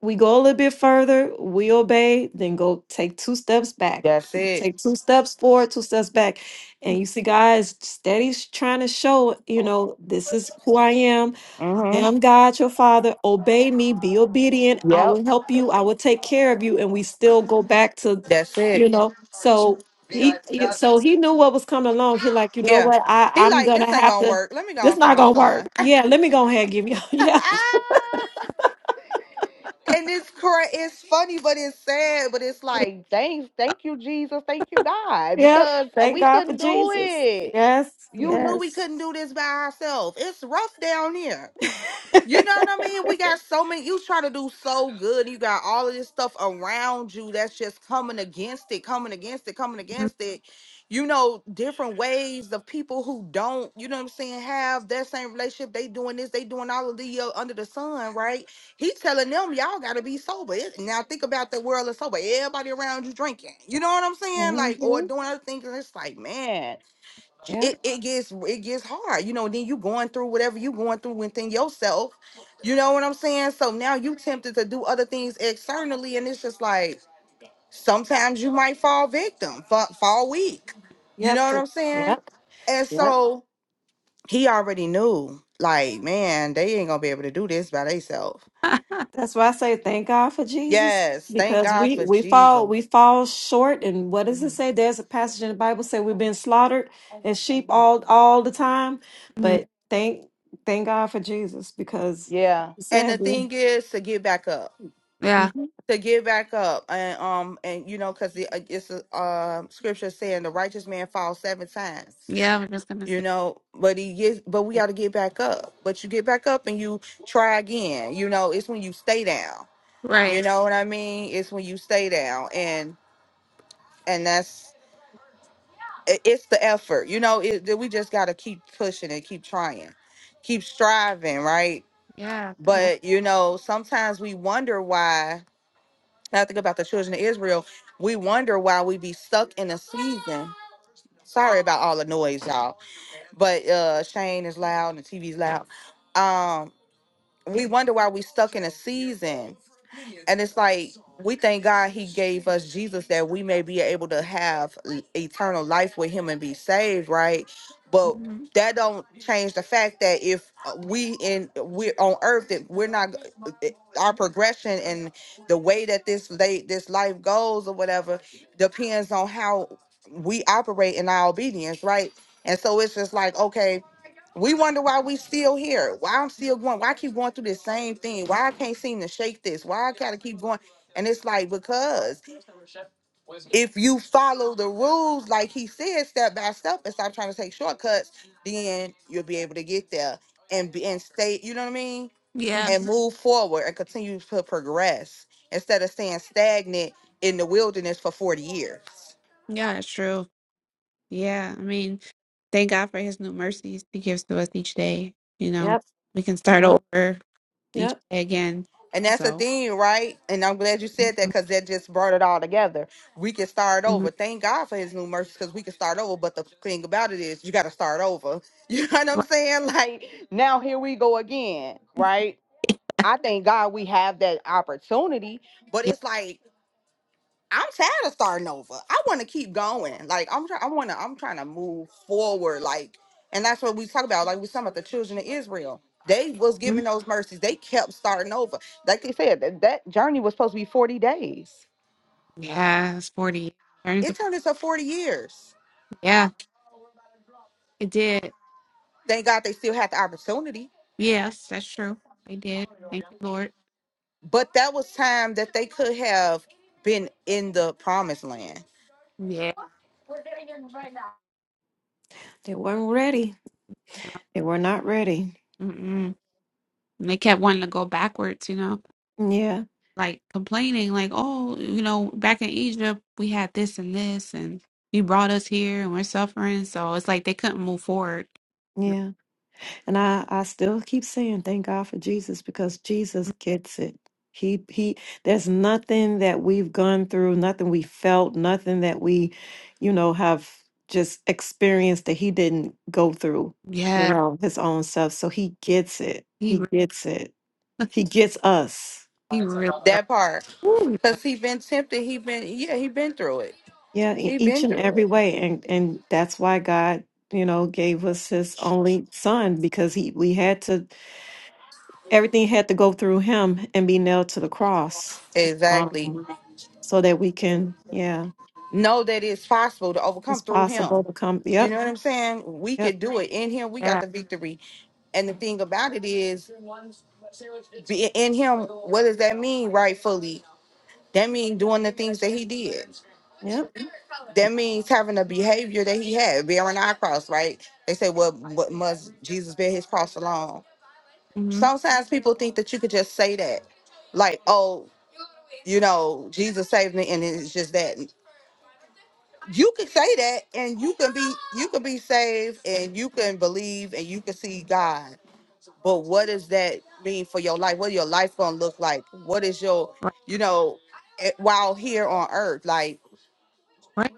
Speaker 5: we go a little bit further, we obey, then go take two steps back.
Speaker 4: That's
Speaker 5: We can
Speaker 4: it.
Speaker 5: take two steps forward, two steps back. And you see, guys, steady's trying to show, you know, this is who I am. I
Speaker 4: Mm-hmm.
Speaker 5: am God, your father. Obey me, be obedient. I
Speaker 4: Yep.
Speaker 5: will help you. I will take care of you. And we still go back to,
Speaker 4: That's
Speaker 5: you
Speaker 4: it.
Speaker 5: know, so he he- so he knew what was coming along. He like, you know
Speaker 4: Yeah.
Speaker 5: what? I,
Speaker 4: He
Speaker 5: I'm
Speaker 4: like, this
Speaker 5: gonna
Speaker 4: ain't
Speaker 5: have
Speaker 4: gonna
Speaker 5: to
Speaker 4: work. Let me go
Speaker 5: this
Speaker 4: and send
Speaker 5: not
Speaker 4: my
Speaker 5: gonna
Speaker 4: son.
Speaker 5: work. Yeah, let me go ahead and give you. Yeah.
Speaker 4: And it's correct. It's funny, but it's sad. But it's like, thanks, thank you, Jesus, thank you, God,
Speaker 5: Yep.
Speaker 4: because
Speaker 5: Thank
Speaker 4: we
Speaker 5: God for
Speaker 4: couldn't do
Speaker 5: Jesus.
Speaker 4: it.
Speaker 5: Yes.
Speaker 1: Yeah.
Speaker 4: You knew we
Speaker 5: Yes.
Speaker 4: couldn't do this by ourselves. It's rough down here. You know what I mean? We got so many. You try to do so good. You got all of this stuff around you that's just coming against it, coming against it, coming
Speaker 1: Mhm.
Speaker 4: against it. You know, different ways of people who don't, you know what I'm saying, have that same relationship. They doing this, they doing all of the uh, under the sun, right? He telling them, y'all got to be sober. It- now think about the world of sober. Everybody around you drinking. You know what I'm saying?
Speaker 5: hmm
Speaker 4: Like, or doing other things. And it's like, man
Speaker 5: Yep.
Speaker 4: it, it gets it gets hard you know then you going through whatever you going through within yourself you know what i'm saying so now you tempted to do other things externally and it's just like sometimes you might fall victim fa- fall weak you
Speaker 5: Yep.
Speaker 4: know what
Speaker 5: so-
Speaker 4: i'm saying
Speaker 5: Yep.
Speaker 4: and
Speaker 5: Yep.
Speaker 4: so he already knew like man they ain't gonna be able to do this by themselves
Speaker 1: Ah,
Speaker 5: That's why I say thank God for Jesus
Speaker 4: yes thank
Speaker 5: because
Speaker 4: god
Speaker 5: we
Speaker 4: for
Speaker 5: we fall
Speaker 4: jesus
Speaker 5: we fall short and what does it
Speaker 4: Mhm.
Speaker 5: say? There's a passage in the Bible say we've been slaughtered and sheep all all the time,
Speaker 1: mhm.
Speaker 5: but thank thank God for Jesus because like
Speaker 4: Yeah.
Speaker 5: you
Speaker 4: and the
Speaker 5: said we.
Speaker 4: thing is to get back up
Speaker 1: Yeah.
Speaker 5: Mm-hmm,
Speaker 4: to get back up and um and you know because the uh, it's a uh, scripture saying the righteous man falls seven times
Speaker 1: Yeah, I'm just gonna
Speaker 4: you
Speaker 1: say.
Speaker 4: know but he gets but we got to get back up but you get back up and you try again you know it's when you stay down you
Speaker 1: Right.
Speaker 4: know what i mean it's when you stay down and and that's i- it's the effort you know it, that we just got to keep pushing and keep trying keep striving right
Speaker 1: Yeah.
Speaker 5: yep.
Speaker 4: but you know sometimes we wonder why Now I think about the children of Israel, we wonder why we be stuck in a season. Sorry about all the noise, y'all. But uh Shane is loud and the TV's loud. Um, we wonder why we stuck in a season and it's like we thank God he gave us Jesus that we may be able to have l- eternal life with him and be saved, right? But
Speaker 1: Mhm.
Speaker 4: that don't change the fact that if uh, we in we're on earth that we're not our progression and the way that this late this life goes or whatever depends on how we operate in our obedience, right? And so it's just like, okay, we wonder why we still here. Why I'm still going. Why I keep going through the same thing? Why I can't seem to shake this? Why I gotta keep going? And it's like because if you follow the rules, like he said, step by step, and stop trying to take shortcuts, then you'll be able to get there and be and stay. You know what I mean?
Speaker 1: Yeah.
Speaker 5: hmm
Speaker 4: And move forward and continue to progress instead of staying stagnant in the wilderness for forty years.
Speaker 1: Yeah, it's true. Yeah. I mean, thank God for his new mercies he gives to us each day. You know,
Speaker 5: Yep.
Speaker 1: we can start
Speaker 5: Yep.
Speaker 1: over each
Speaker 5: Yep.
Speaker 1: day again.
Speaker 4: And that's the
Speaker 1: So,
Speaker 4: thing, right? And I'm glad you said that because that just brought it all together. We can start over.
Speaker 1: Mhm.
Speaker 4: Thank God for His new mercy because we can start over. But the thing about it is, you got to start over. You know what I'm
Speaker 1: Right.
Speaker 4: saying? Like now, here we go again, right? I thank God we have that opportunity, but
Speaker 1: yeah.
Speaker 4: it's like I'm tired of starting over. I want to keep going. Like I'm, try- I want to. I'm trying to move forward. Like, and that's what we talk about. Like we talking about the children of Israel. They was
Speaker 1: Mhm.
Speaker 4: given those mercies. They kept starting over. Like they said, that, that journey was supposed to be 40 days.
Speaker 1: Yeah, it's 40. Turning to
Speaker 4: It
Speaker 1: 40.
Speaker 4: turned into 40 years.
Speaker 1: Yeah, it did.
Speaker 4: Thank God they still had the opportunity.
Speaker 1: Yes, that's true. They did. Thank you, Lord.
Speaker 4: But that was time that they could have been in the promised land.
Speaker 1: Yeah.
Speaker 5: They weren't ready. They were not ready.
Speaker 1: Mm-mm. And they kept wanting to go backwards, you know.
Speaker 5: Yeah.
Speaker 1: like complaining, like, oh, you know, back in Egypt, we had this and this, and you brought us here and we're suffering. So it's like they couldn't move forward.
Speaker 5: Yeah. And I, I still keep saying thank God for Jesus because Jesus gets it. He he there's nothing that we've gone through, nothing we felt, nothing that we, you know, have just experienced that he didn't go through, you
Speaker 1: Yeah,
Speaker 5: know, his own stuff. So he gets it.
Speaker 1: he
Speaker 5: He
Speaker 1: really,
Speaker 5: gets it. He gets us.
Speaker 1: he really does.
Speaker 4: That part.
Speaker 1: Ooh, yeah,
Speaker 4: Because he been tempted. He been, yeah, he been through it.
Speaker 5: Yeah, in
Speaker 4: He
Speaker 5: each
Speaker 4: been
Speaker 5: and
Speaker 4: through
Speaker 5: every
Speaker 4: it.
Speaker 5: way. And and that's why God, you know, gave us his only son because he we had to everything had to go through him and be nailed to the cross um
Speaker 4: Exactly.
Speaker 5: so that we can yeah
Speaker 4: know that it's possible to
Speaker 5: it's
Speaker 4: overcome through
Speaker 5: possible
Speaker 4: him.
Speaker 5: to come
Speaker 4: You know
Speaker 5: yep
Speaker 4: what I'm saying? We
Speaker 5: yep
Speaker 4: could do it in him. We got
Speaker 1: yeah,
Speaker 4: the victory. And the thing about it is, be in him, what does that mean rightfully? That means doing the things that he did.
Speaker 5: yep
Speaker 1: yeah.
Speaker 4: That means having a behavior that he had, bearing our cross, right? They say, well, what must Jesus bear his cross alone?
Speaker 1: Mm-hmm.
Speaker 4: Sometimes people think that you could just say that, like, oh, you know, Jesus saved me, and it's just that. you could say that and you can be you can be saved and you can believe and you can see God. But what does that mean for your life? What your life gonna look like? What is your
Speaker 1: Right,
Speaker 4: you know eh, while here on earth? Like
Speaker 1: right.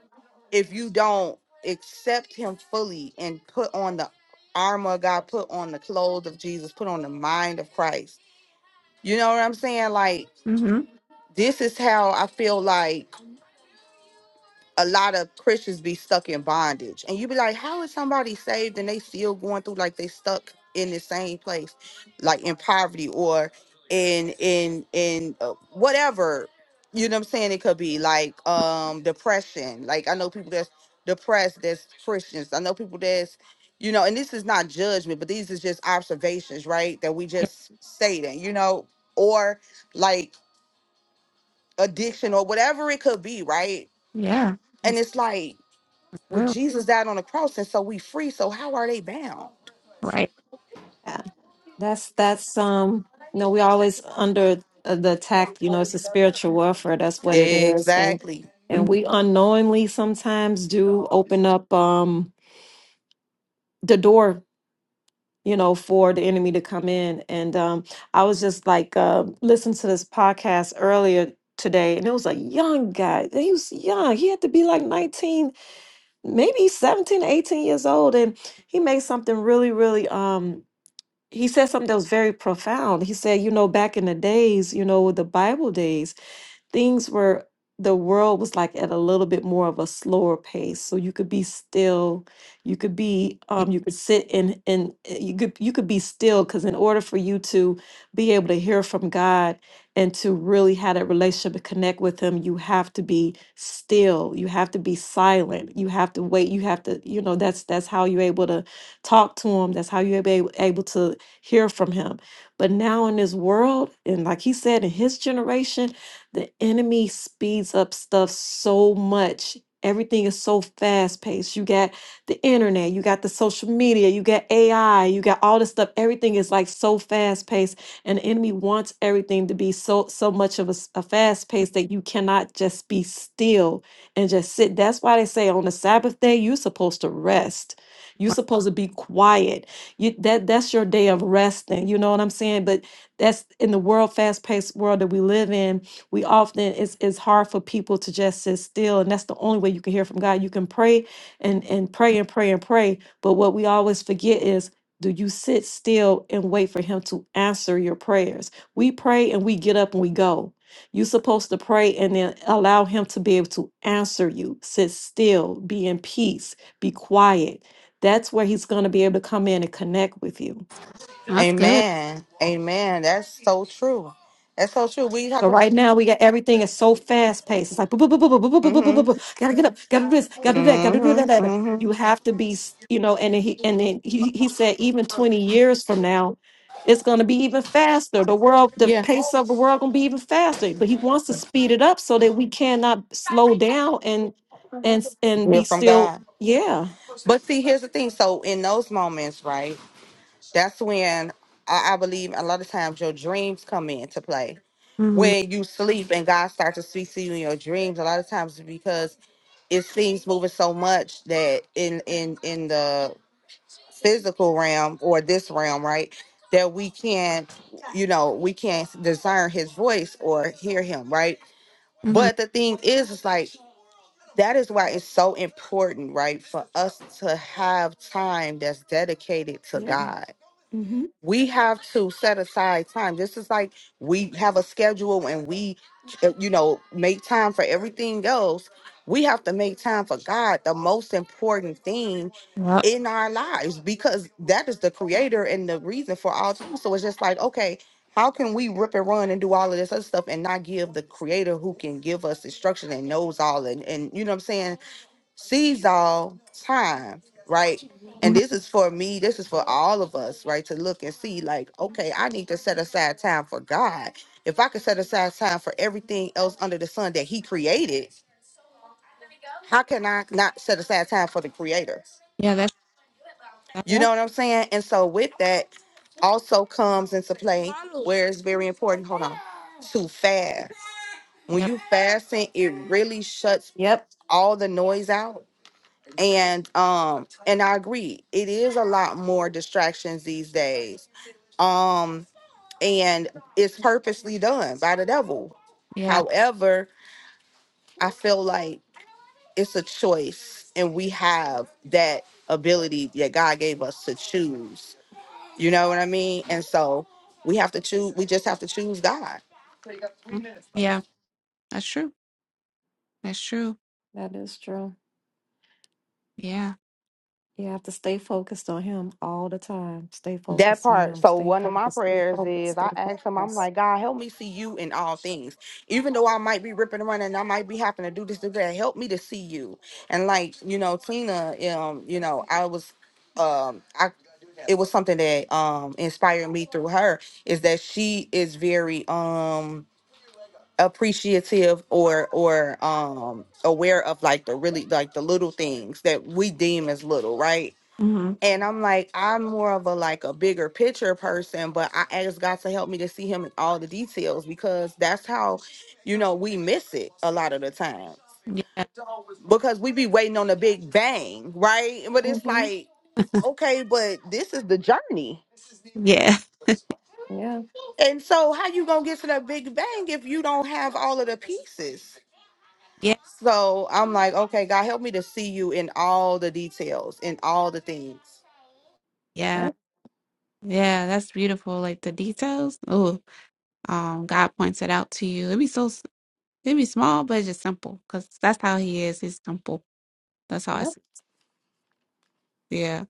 Speaker 4: if you don't accept him fully and put on the armor of God, put on the clothes of Jesus, put on the mind of Christ. You know what I'm saying? Like
Speaker 1: Mm-hmm.
Speaker 4: this is how I feel like a lot of Christians be stuck in bondage. And you be like, how is somebody saved and they still going through like they stuck in the same place, like in poverty or in in in uh, whatever, you know what I'm saying? It could be like um depression. Like I know people that's depressed that's Christians. I know people that's you know, and this is not judgment, but these is just observations, right? That we
Speaker 1: Yeah,
Speaker 4: just stating, you know, or like addiction or whatever it could be, right?
Speaker 1: yeah.
Speaker 4: And
Speaker 1: That's
Speaker 4: it's like
Speaker 1: that's
Speaker 4: with
Speaker 1: real.
Speaker 4: Jesus died on the cross, and so we free. So how are they bound?
Speaker 1: Right.
Speaker 5: yeah. that's that's um you know we always under uh, the attack you know it's a spiritual warfare that's what it is and
Speaker 4: Exactly.
Speaker 1: hmm
Speaker 5: and we unknowingly sometimes do open up um the door you know, for the enemy to come in. And um, I was just like, uh, listening to this podcast earlier today, and it was a young guy. He was young. He had to be like 19, maybe 17, 18 years old. And he made something really, really, um, he said something that was very profound. He said, you know, back in the days, you know, the Bible days, things were the world was like at a little bit more of a slower pace so you could be still you could be
Speaker 1: Yeah.
Speaker 5: um you could sit and and uh, you could you could be still because in order for you to be able to hear from god and to really have that relationship and connect with him you have to be still you have to be silent you have to wait you have to you know that's that's how you're able to talk to him that's how you're able, able to hear from him but now in this world and like he said in his generation the enemy speeds up stuff so much. Everything is so fast paced. You got the internet, you got the social media, you got AI, you got all this stuff. Everything is like so fast paced, and the enemy wants everything to be so so much of a, s- a fast pace that you cannot just be still and just sit. That's why they say on the Sabbath day you're supposed to rest. You're
Speaker 1: Wow.
Speaker 5: supposed to be quiet. You that that's your day of resting. You know what I'm saying? But that's in the world fast paced world that we live in we often it's it's hard for people to just sit still and that's the only way you can hear from god you can pray and and pray and pray and pray but what we always forget is do you sit still and wait for him to answer your prayers we pray and we get up and we go you're supposed to pray and then allow him to be able to answer you sit still be in peace be quiet that's where he's going to be able to come in and connect with you
Speaker 1: That's good.
Speaker 4: Amen. Amen. That's so true. That's so true. We have
Speaker 5: But
Speaker 4: to.
Speaker 5: right now, we got everything is so fast paced. It's like, "Boo, boo, boo, boo, boo, boo, boo, boo, boo, boo, boo, boo.
Speaker 4: Mm-hmm.
Speaker 5: gotta get up, gotta do this, gotta do that, gotta do that.
Speaker 4: Mm-hmm.
Speaker 5: that."
Speaker 4: Mm-hmm.
Speaker 5: You have to be, s- you know. And then he, and then he, he said, even twenty years from now, it's gonna be even faster. The world, the
Speaker 4: Yeah.
Speaker 5: pace of the world, gonna be even faster. But he wants to speed it up so that we cannot slow down and and s- and
Speaker 4: Hear
Speaker 5: be
Speaker 4: from
Speaker 5: still.
Speaker 4: God.
Speaker 5: Yeah,
Speaker 4: But see, here's the thing. So in those moments, right? That's when I, I believe a lot of times your dreams come into play.
Speaker 1: Mm-hmm.
Speaker 4: When you sleep and God starts to speak to you in your dreams, a lot of times it's because it seems moving so much that in in in the physical realm or this realm, right? That we can't, you know, we can't discern his voice or hear him, right? But
Speaker 1: Mm-hmm.
Speaker 4: the thing is, it's like that is why it's so important, right, for us to have time that's dedicated to
Speaker 5: yeah,
Speaker 4: God
Speaker 5: mm-hmm.
Speaker 4: we have to set aside time. This is like we have a schedule and we, uh, you know, make time for everything else. We have to make time for God, the most important thing
Speaker 1: Yep.
Speaker 4: in our lives, because that is the creator and the reason for all things. So it's just like, okay, how can we rip and run and do all of this other stuff and not give the creator who can give us instruction and knows all and, and you know what I'm saying? sees all time, right? And
Speaker 1: hmm
Speaker 4: this is for me, this is for all of us, right? To look and see, like, okay, I need to set aside time for God. If I could set aside time for everything else under the sun that He created, how can I not set aside time for the Creator?
Speaker 1: Yeah, that's, that's,
Speaker 4: You know
Speaker 5: yep,
Speaker 4: what I'm saying? And so, with that, also comes into play where it's very important, hold on, to fast. When
Speaker 1: yep.
Speaker 4: you fasting, it really shuts
Speaker 5: yep.
Speaker 4: all the noise out and um and i agree it is a lot more distractions these days um and it's purposely done by the devil
Speaker 1: Yeah.
Speaker 4: however i feel like it's a choice and we have that ability that god gave us to choose you know what i mean and so we have to choose we just have to choose god
Speaker 1: Mhm. Yeah, that's true. That's true.
Speaker 5: That is true.
Speaker 1: Yeah.
Speaker 5: You have to stay focused on him all the time. Stay
Speaker 4: That
Speaker 5: focused on
Speaker 4: part.
Speaker 5: him.
Speaker 4: So
Speaker 5: Stay
Speaker 4: one of my
Speaker 5: focused. Stay
Speaker 4: prayers
Speaker 5: focused.
Speaker 4: is
Speaker 5: Stay
Speaker 4: I ask him, I'm
Speaker 5: focused.
Speaker 4: like, God, help me see you in all things. Even though I might be ripping around and running, I might be having to do this, do that, help me to see you. And like, you know, Tina, um, you know, I was um I it was something that um inspired me through her is that she is very um appreciative or or um aware of like the really like the little things that we deem as little, right?
Speaker 1: Mm-hmm.
Speaker 4: And I'm like, I'm more of a like a bigger picture person, but I asked God to help me to see him in all the details because that's how, you know, we miss it a lot of the time.
Speaker 1: Yeah.
Speaker 4: Because we be waiting on the big bang, right? But it's
Speaker 5: Mm-hmm.
Speaker 4: like, okay, but this is the journey.
Speaker 1: Yeah.
Speaker 5: Yeah.
Speaker 4: And so how you gonna get to the big bang if you don't have all of the pieces?
Speaker 1: Yeah.
Speaker 4: So I'm like, okay, God help me to see you in all the details, in all the things.
Speaker 1: Yeah.
Speaker 5: Yep.
Speaker 1: Yeah, that's beautiful. Like the details. Oh, um, God points it out to you. It'd be so, s- it'd be small, but it's just simple because that's how he is. He's simple. That's how I,
Speaker 5: Yep.
Speaker 1: s- yeah.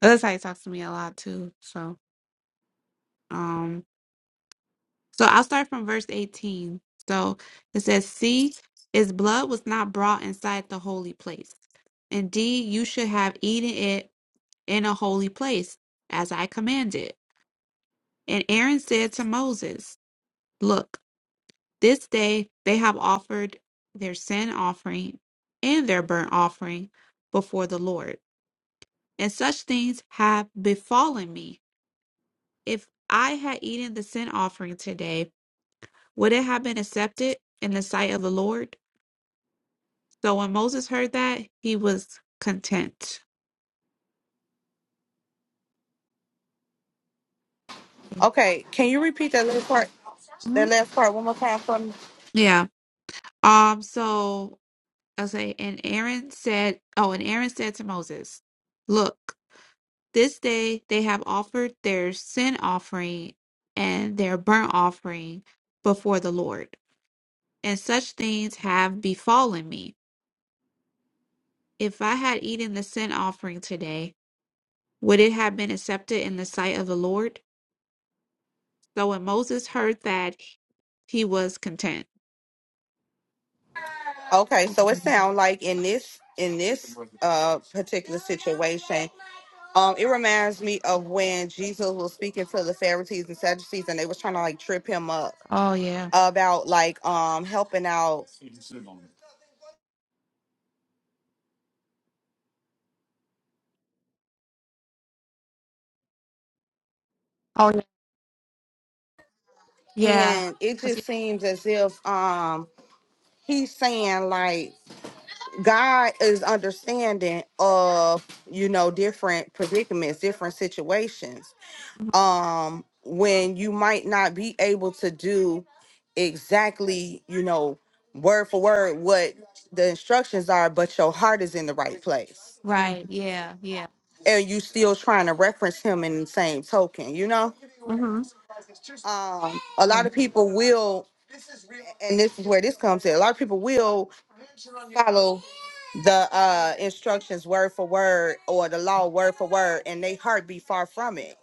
Speaker 1: That's how he talks to me a lot too. So, um, so I'll start from verse 18. So it says, See, his blood was not brought inside the holy place. Indeed, you should have eaten it in a holy place, as I commanded. And Aaron said to Moses, Look, This day they have offered their sin offering and their burnt offering before the Lord. And such things have befallen me. If I had eaten the sin offering today, would it have been accepted in the sight of the Lord? So when Moses heard that, he was content.
Speaker 4: Okay, can you repeat that last part
Speaker 1: Mhm.
Speaker 4: that last part one more time for me?
Speaker 1: Yeah. Um, so I'll say, and Aaron said, Oh, and Aaron said to Moses, 'Look.'" This day they have offered their sin offering and their burnt offering before the Lord, and such things have befallen me. If I had eaten the sin offering today, would it have been accepted in the sight of the Lord? So when Moses heard that, he was content.
Speaker 4: Okay, so it
Speaker 5: Mm-hmm.
Speaker 4: sounds like in this in this uh particular situation, um, it reminds me of when Jesus was speaking to the Pharisees and Sadducees, and they was trying to like trip him up
Speaker 1: Oh, yeah.
Speaker 4: about like um helping out,
Speaker 1: Oh, yeah. Yeah.
Speaker 4: and it
Speaker 1: 'Cause
Speaker 4: just
Speaker 1: he-
Speaker 4: seems as if um he's saying like God is understanding of you know different predicaments, different situations
Speaker 1: mhm.
Speaker 4: um when you might not be able to do exactly you know word for word what the instructions are but your heart is in the right place
Speaker 1: Right. Yeah. Yeah.
Speaker 4: and you still trying to reference him in the same token you know
Speaker 1: hmm
Speaker 4: um a
Speaker 5: hmm
Speaker 4: lot of people will and this is where this comes in a lot of people will follow the uh instructions word for word or the law word for word and they heart be far from it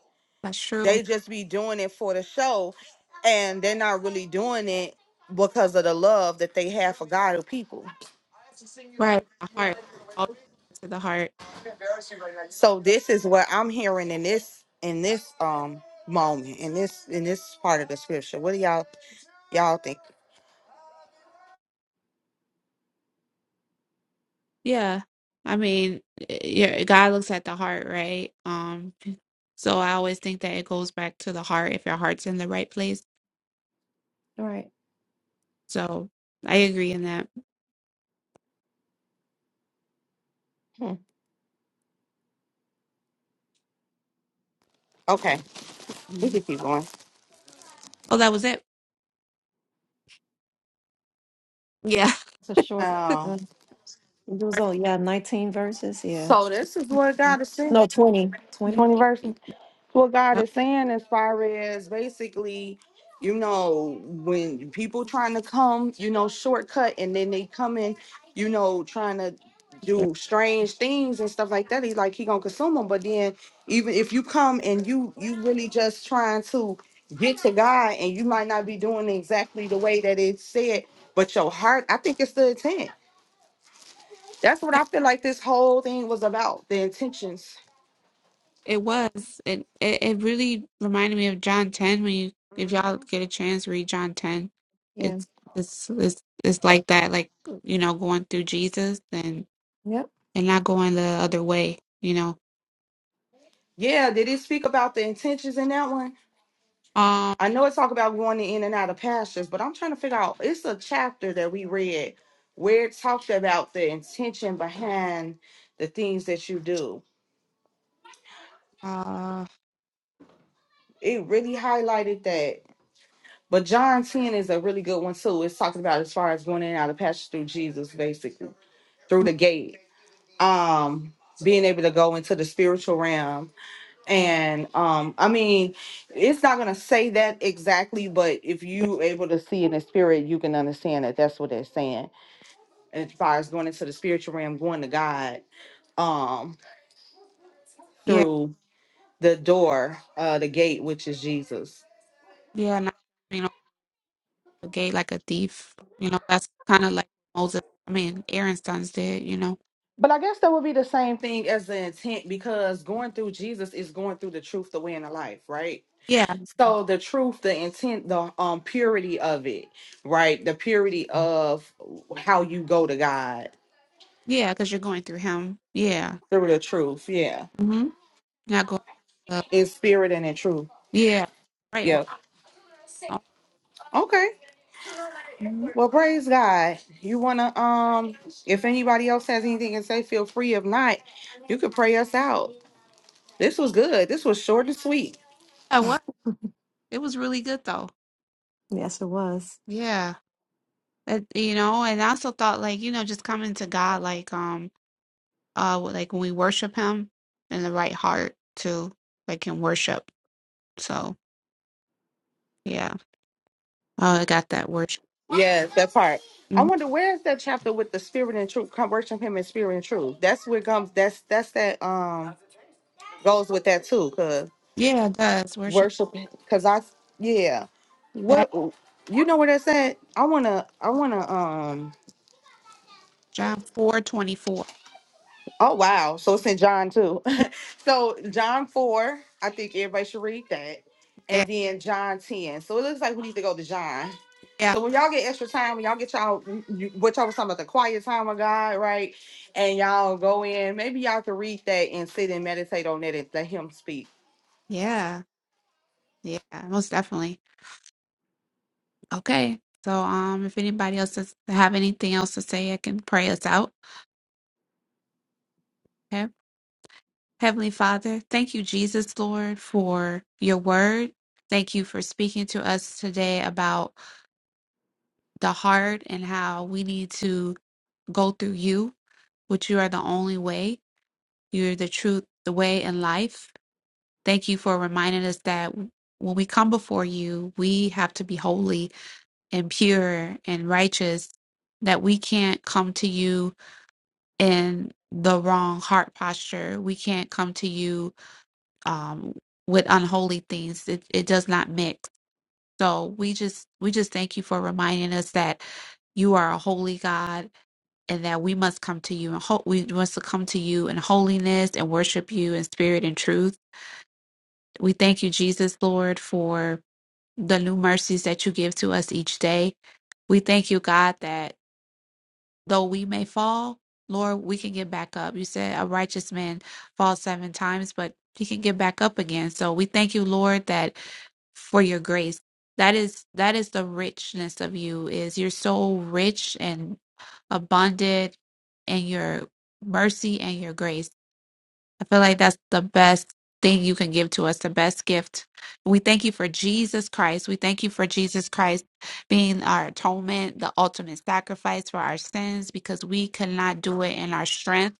Speaker 1: That's true.
Speaker 4: they just be doing it for the show and they're not really doing it because of the love that they have for God or people.
Speaker 1: Right. The heart. All to the heart.
Speaker 4: So this is what I'm hearing in this in this um moment in this in this part of the scripture. What do y'all y'all think?
Speaker 1: Yeah. I mean, yeah, God looks at the heart, right? Um, so I always think that it goes back to the heart if your heart's in the right place.
Speaker 5: Right.
Speaker 1: So I agree in that.
Speaker 5: Hmm.
Speaker 4: Okay, we
Speaker 1: Mm.
Speaker 4: can keep going.
Speaker 1: Oh, that was it. Yeah.
Speaker 5: It's a short.
Speaker 4: Uh,
Speaker 5: Uh, it was only yeah, 19 verses. Yeah.
Speaker 4: so this is what
Speaker 5: Mm.
Speaker 4: God is saying.
Speaker 5: No, 20.
Speaker 1: Yeah.
Speaker 5: 20.
Speaker 4: Twenty verses. what God is saying as far as basically, you know, when people trying to come, you know, shortcut and then they come in, you know, trying to
Speaker 1: Yep.
Speaker 4: do strange things and stuff like that. He's like, he gonna consume them. But then even if you come and you you really just trying to get to God and you might not be doing exactly the way that it said, but your heart, I think it's the intent. That's what
Speaker 1: Yeah,
Speaker 4: I feel like this whole thing was about, the intentions.
Speaker 1: It was. It, it it really reminded me of John 10 when you if y'all
Speaker 4: hmm
Speaker 1: get a chance read John 10.
Speaker 5: Yeah.
Speaker 1: It's it's it's it's like that like you know going through Jesus and
Speaker 5: Yep.
Speaker 1: and not going the other way, you know.
Speaker 4: Yeah, did it speak about the intentions in that one?
Speaker 1: Um
Speaker 4: I know it talk about going in and out of pastures, but I'm trying to figure out it's a chapter that we read where it talked about the intention behind the things that you do.
Speaker 1: uh
Speaker 4: It really highlighted that. But John 10 is a really good one too. It's talking about as far as going in and out of pastures through Jesus, basically, through the gate. Um being able to go into the spiritual realm and um i mean it's not going to say that exactly but if you able to see in the spirit you can understand that that's what it's saying as far as going into the spiritual realm, going to God um
Speaker 1: Yeah,
Speaker 4: through the door, uh the gate, which is Jesus.
Speaker 1: yeah, not you know the gate like a thief. You know that's kind of like Moses. I mean, Aaron's sons did. You know.
Speaker 4: But I guess that would be the same thing as the intent because going through Jesus is going through the truth, the way, and the life, right?
Speaker 1: Yeah,
Speaker 4: So the truth, the intent, the um purity of it, right? The purity of how you go to God
Speaker 1: yeah, because you're going through him. Yeah.
Speaker 4: through the truth, yeah.
Speaker 1: Mm-hmm. Not going. Uh,
Speaker 4: In spirit and in truth.
Speaker 1: yeah. Right. Well,
Speaker 4: Yeah. Okay.
Speaker 1: mm-hmm.
Speaker 4: Well, praise God. You wanna um if anybody else has anything to say, feel free. If not, you could pray us out. This was good. This was short and sweet.
Speaker 1: Yeah. What? It was really good though.
Speaker 5: Yes, it was.
Speaker 1: Yeah. That you know, and I also thought like you know just coming to God like um uh like when we worship Him in the right heart too, like in worship. So yeah. Oh, I got that worship.
Speaker 4: Yes, that part. I
Speaker 1: hmm
Speaker 4: wonder where is that chapter with the spirit and truth? Come worship him in spirit and truth. That's where comes that's that's that um goes with that too, cause
Speaker 1: Yeah, it does worship.
Speaker 4: worship cause I yeah. What you know where that's at? I wanna I wanna um.
Speaker 1: John four twenty four.
Speaker 4: Oh wow. So it's in John too. so John 4, I think everybody should read that. And
Speaker 1: Yeah,
Speaker 4: then John 10. So it looks like we need to go to John.
Speaker 1: yeah,
Speaker 4: So when y'all get extra time, when y'all get y'all you- what y'all was talking about the quiet time of God, right? And y'all go in, maybe y'all can read that and sit and meditate on that and let him speak.
Speaker 1: yeah, yeah, most definitely. Okay. So um if anybody else does have anything else to say, I can pray us out. Okay. Heavenly Father, thank you, Jesus Lord, for your word. Thank you for speaking to us today about the heart and how we need to go through you, which you are the only way. You're the truth, the way, and life. Thank you for reminding us that when we come before you, we have to be holy and pure and righteous that we can't come to you in the wrong heart posture. We can't come to you um, with unholy things. It, it does not mix. So we just we just thank you for reminding us that you are a holy God and that we must come to you and ho- we must come to you in holiness and worship you in spirit and truth. We thank you, Jesus, Lord, for the new mercies that you give to us each day. We thank you, God, that though we may fall, Lord, we can get back up. You said a righteous man falls seven times, but he can get back up again. So we thank you, Lord, that for your grace. That is that is the richness of you is you're so rich and abundant in your mercy and your grace. I feel like that's the best thing you can give to us, the best gift. We thank you for Jesus Christ. We thank you for Jesus Christ being our atonement, the ultimate sacrifice for our sins, because we cannot do it in our strength.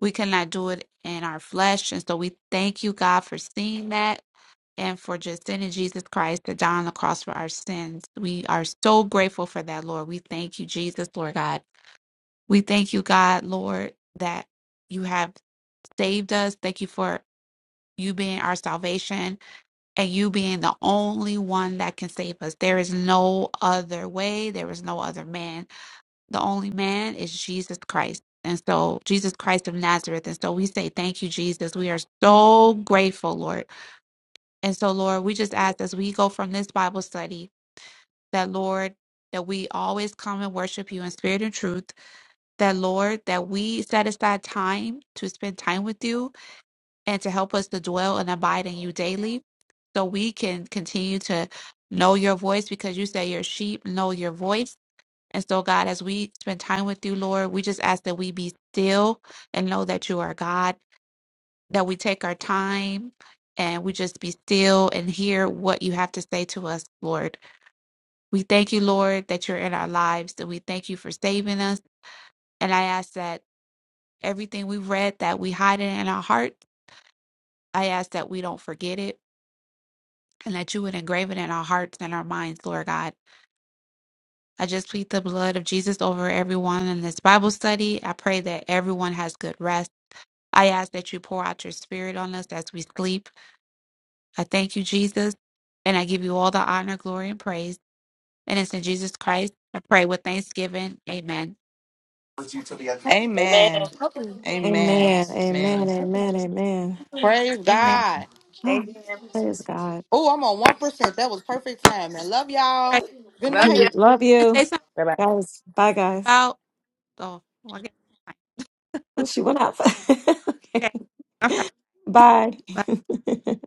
Speaker 1: We cannot do it in our flesh. And so we thank you, God, for seeing that and for just sending Jesus Christ to die on the cross for our sins. We are so grateful for that, Lord. We thank you, Jesus, Lord God. We thank you, God, Lord, that you have saved us. Thank you for you being our salvation and you being the only one that can save us. There is no other way, there is no other man. The only man is Jesus Christ. And so, Jesus Christ of Nazareth. And so, we say, Thank you, Jesus. We are so grateful, Lord. And so, Lord, we just ask as we go from this Bible study that, Lord, that we always come and worship you in spirit and truth. That, Lord, that we set aside time to spend time with you and to help us to dwell and abide in you daily so we can continue to know your voice because you say your sheep know your voice. And so, God, as we spend time with you, Lord, we just ask that we be still and know that you are God, that we take our time and we just be still and hear what you have to say to us, Lord. We thank you, Lord, that you're in our lives, that we thank you for saving us. And I ask that everything we've read, that we hide it in our heart. I ask that we don't forget it. and that you would engrave it in our hearts and our minds, Lord God. I just plead the blood of Jesus over everyone in this Bible study. I pray that everyone has good rest. I ask that you pour out your spirit on us as we sleep. I thank you, Jesus, and I give you all the honor, glory, and praise. And it's in Jesus Christ. I pray with thanksgiving. Amen.
Speaker 4: Amen. Amen.
Speaker 5: Amen. Amen.
Speaker 4: Amen.
Speaker 5: Amen. Amen.
Speaker 4: Praise
Speaker 1: Amen.
Speaker 4: God.
Speaker 5: Ah, praise God.
Speaker 4: Oh, I'm on one percent. That was perfect time, man. Love
Speaker 1: All
Speaker 4: y'all.
Speaker 1: right,
Speaker 4: Good night.
Speaker 5: Love
Speaker 1: you wanna
Speaker 5: you.
Speaker 1: Say something
Speaker 5: Guys. Bye, guys.
Speaker 1: about. Oh, well, I guess-
Speaker 5: Oh, she went up. okay.
Speaker 1: okay. All right.
Speaker 5: Bye.
Speaker 1: Bye.